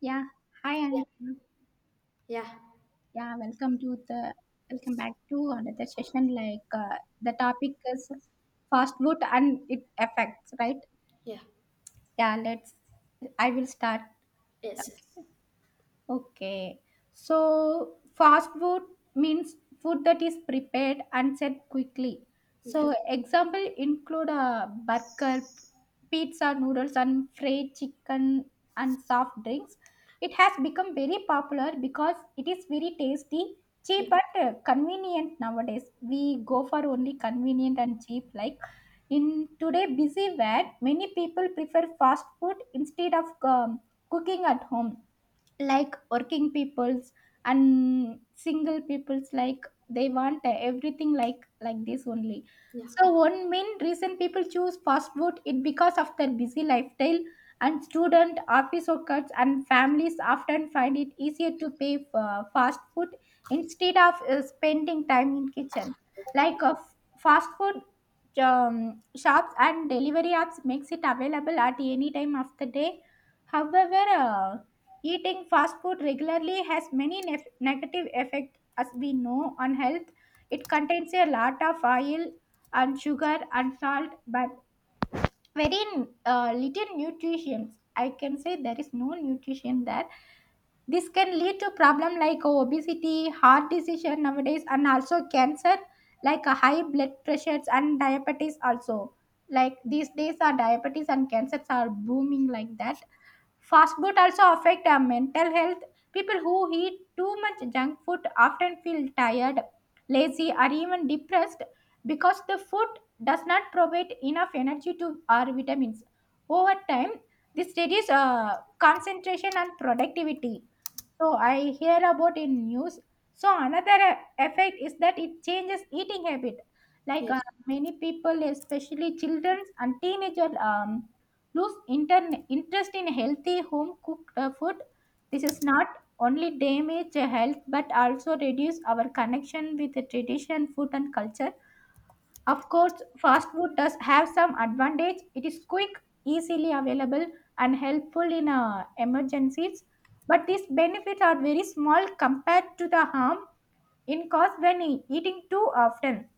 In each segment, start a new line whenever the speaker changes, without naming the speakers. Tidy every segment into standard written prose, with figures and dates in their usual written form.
Yeah, hi Anisha.
Yeah,
Yeah, welcome to the Welcome back to another session. The topic is fast food and it affects, right?
yeah,
Yeah, let's. I will start.
yes, yes,
Okay. Okay. So fast food means food that is prepared and set quickly.
yeah,
So example include a burger, pizza, noodles and fried chicken and soft drinks. It has become very popular because it is very tasty, cheap
yeah,
and convenient nowadays. We go for only convenient and cheap, like in today busy where many people prefer fast food instead of cooking at home, like working peoples and single peoples, like they want everything like this only.
yeah,
So one main reason people choose fast food it because of their busy lifestyle, and student office workers and families often find it easier to pay for fast food instead of spending time in kitchen. like uh, Fast food shops and delivery apps makes it available at any time of the day. However, eating fast food regularly has many negative effects, as we know, on health. It contains a lot of oil and sugar and salt, but very little nutrition. I can say there is no nutrition there. This can lead to problems like obesity, heart disease nowadays, and also cancer, like a high blood pressures and diabetes also. Like these days, our diabetes and cancers are booming like that. Fast food also affect our mental health. People who eat too much junk food often feel tired, lazy, or even depressed because the food does not provide enough energy to our vitamins. Over time, this reduces concentration and productivity, so I hear about in news. So another effect is that it changes eating habit. Like uh,
yes,
Many people, especially children and teenagers, lose interest in healthy home cooked food. This is not only damage health but also reduce our connection with the tradition, food and culture. Of course, fast food does have some advantage. It is quick, easily available, and helpful in emergencies. But these benefits are very small compared to the harm in cause when eating too often.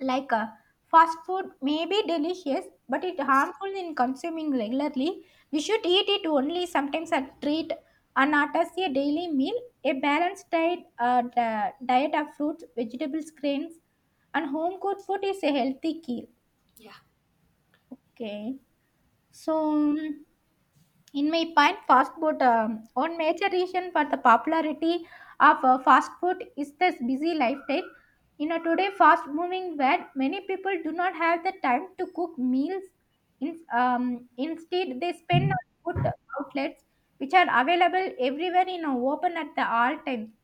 Like uh, Fast food may be delicious, but it harmful in consuming regularly. We should eat it only sometimes a treat and not as a daily meal. A balanced diet of fruits, vegetables, grains, and home cooked food is a healthy key.
yeah,
Okay, so. In my point, fast food, one major reason for the popularity of fast food is this busy lifestyle. In a today fast moving world, many people do not have the time to cook meals. Instead, they spend on food outlets which are available everywhere in a open at the all time.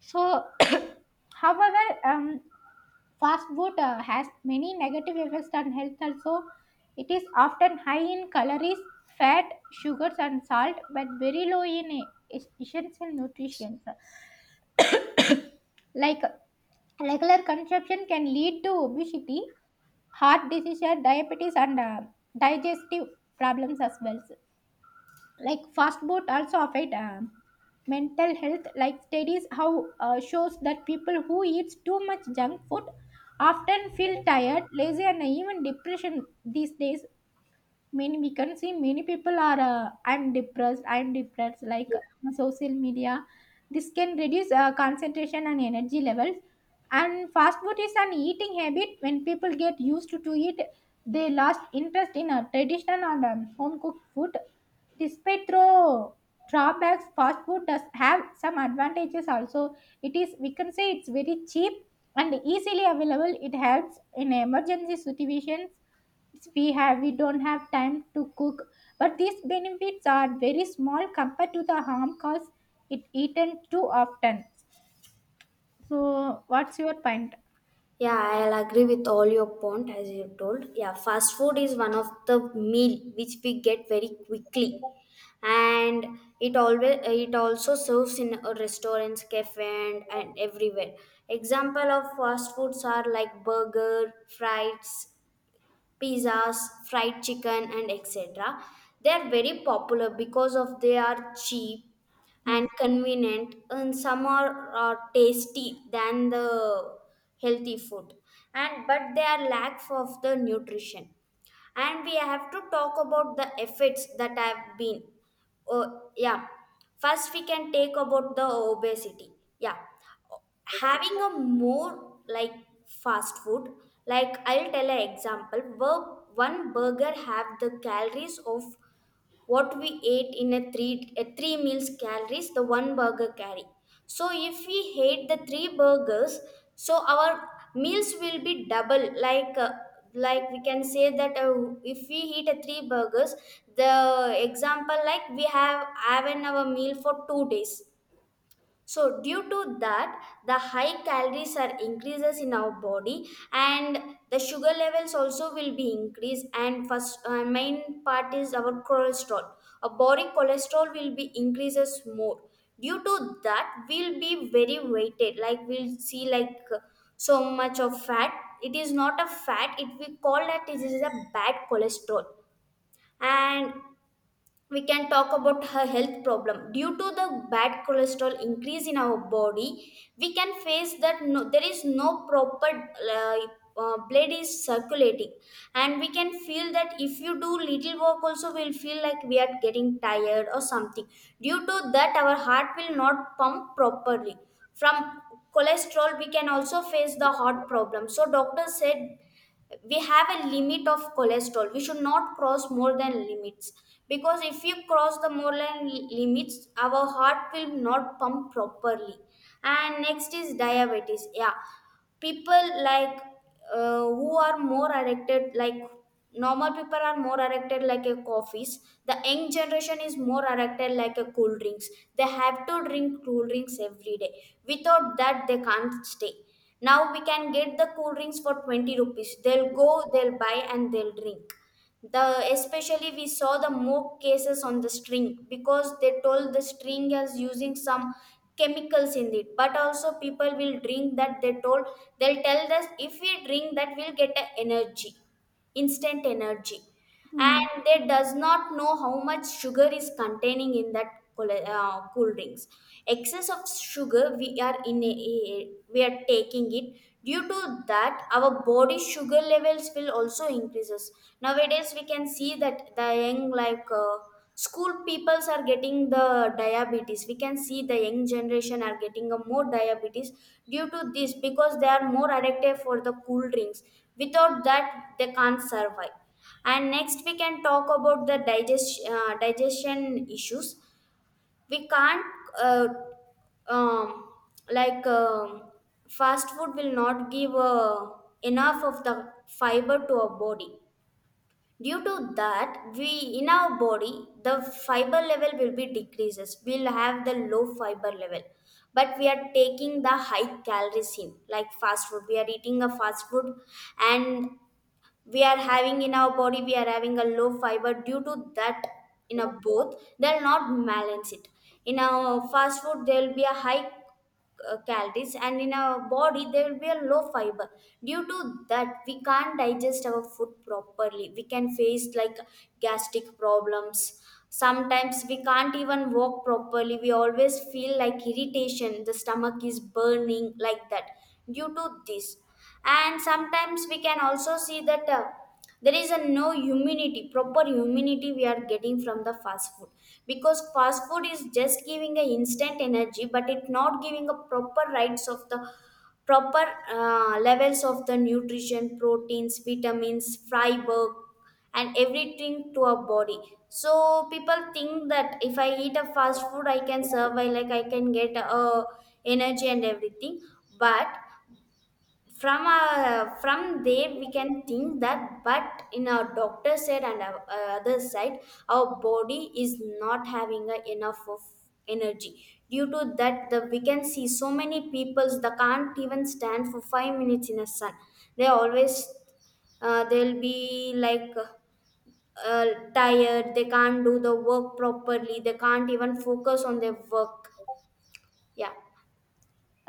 So, however, fast food has many negative effects on health also. It is often high in calories, fat, sugars and salt but very low in essential nutrients. Like regular consumption can lead to obesity, heart disease, diabetes and digestive problems as well. Like fast boat also affect mental health, like studies how shows that people who eats too much junk food often feel tired, lazy and even depression these days. Many We can see many people are I'm depressed, like
yeah.
on social media. This can reduce concentration and energy levels. And fast food is an eating habit. When people get used to eat, they lost interest in a traditional and home cooked food. Despite through drawbacks, fast food does have some advantages also. It is, we can say, it's very cheap and easily available. It helps in emergency situations. We don't have time to cook, but these benefits are very small compared to the harm caused it eaten too often. So what's your point?
Yeah, I'll agree with all your point as you told. Yeah, fast food is one of the meal which we get very quickly, and it also serves in restaurants, cafe, and everywhere. Example of fast foods are like burger, fries, pizzas, fried chicken and etc. They are very popular because of they are cheap
Yes.
and convenient, and some are tasty than the healthy food, and but they are lack of the nutrition. And we have to talk about the effects that have been. Oh, yeah, first we can take about the obesity. Yeah, having a more like fast food. Like I'll tell an example. One burger have the calories of what we ate in a three, a three meals calories the one burger carry. So if we hate the three burgers, so our meals will be double, like we can say that, if we eat a three burgers, the example, like we have an our meal for 2 days. So due to that, the high calories are increases in our body, and the sugar levels also will be increased. And first main part is our cholesterol. Our body cholesterol will be increases more. Due to that, we'll be very weighted. Like we'll see like so much of fat. It is not a fat. It we call that it is a bad cholesterol. And we can talk about her health problem. Due to the bad cholesterol increase in our body, we can face that no, there is no proper blood is circulating. And we can feel that if you do little work also we'll feel like we are getting tired or something. Due to that, our heart will not pump properly. From cholesterol we can also face the heart problem, so doctor said we have a limit of cholesterol, we should not cross more than limits, because if you cross the more than limits, our heart will not pump properly. And next is diabetes. Yeah, people like, who are more addicted, like normal people are more addicted like a coffees. The young generation is more addicted like a cool drinks. They have to drink cool drinks every day. Without that they can't stay. Now we can get the cool drinks for 20 rupees. They'll go, they'll buy, and they'll drink. The especially we saw the more cases on the string, because they told the string is using some chemicals in it. But also people will drink that, they told they'll tell us if we drink that, we'll get a energy, instant energy.
Hmm.
And they does not know how much sugar is containing in that cool, cool drinks. Excess of sugar we are in we are taking it. Due to that, our body sugar levels will also increases. Nowadays we can see that the young like school peoples are getting the diabetes. We can see the young generation are getting a more diabetes due to this, because they are more addicted for the cool drinks. Without that, they can't survive. And next, we can talk about the digestion issues. We can't uh, um, like Fast food will not give enough of the fiber to our body. Due to that, we in our body, the fiber level will be decreases, we'll have the low fiber level. But we are taking the high calories in, like fast food we are eating a fast food, and we are having in our body, we are having a low fiber. Due to that, in a both they'll not balance it. In our fast food there will be a high calories, and in our body there will be a low fiber. Due to that, we can't digest our food properly. We can face like gastric problems. Sometimes we can't even walk properly, we always feel like irritation, the stomach is burning like that due to this. And sometimes we can also see that there is a no immunity, proper immunity we are getting from the fast food, because fast food is just giving a instant energy, but it not giving a proper rights of the proper levels of the nutrition, proteins, vitamins, fiber, and everything to our body. So people think that if I eat a fast food I can survive, like I can get energy and everything. But from there we can think that, but in our doctor side and our other side, our body is not having a enough of energy. Due to that, the we can see so many peoples that can't even stand for 5 minutes in a sun. They always they'll be like uh, tired. They can't do the work properly, they can't even focus on their work. Yeah,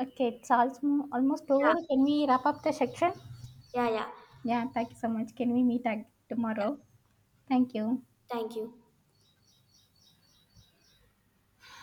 Okay, it's also almost
yeah,
over, can we wrap up the section?
yeah, yeah,
Yeah, thank you so much. Can we meet tomorrow? Thank you.
thank you.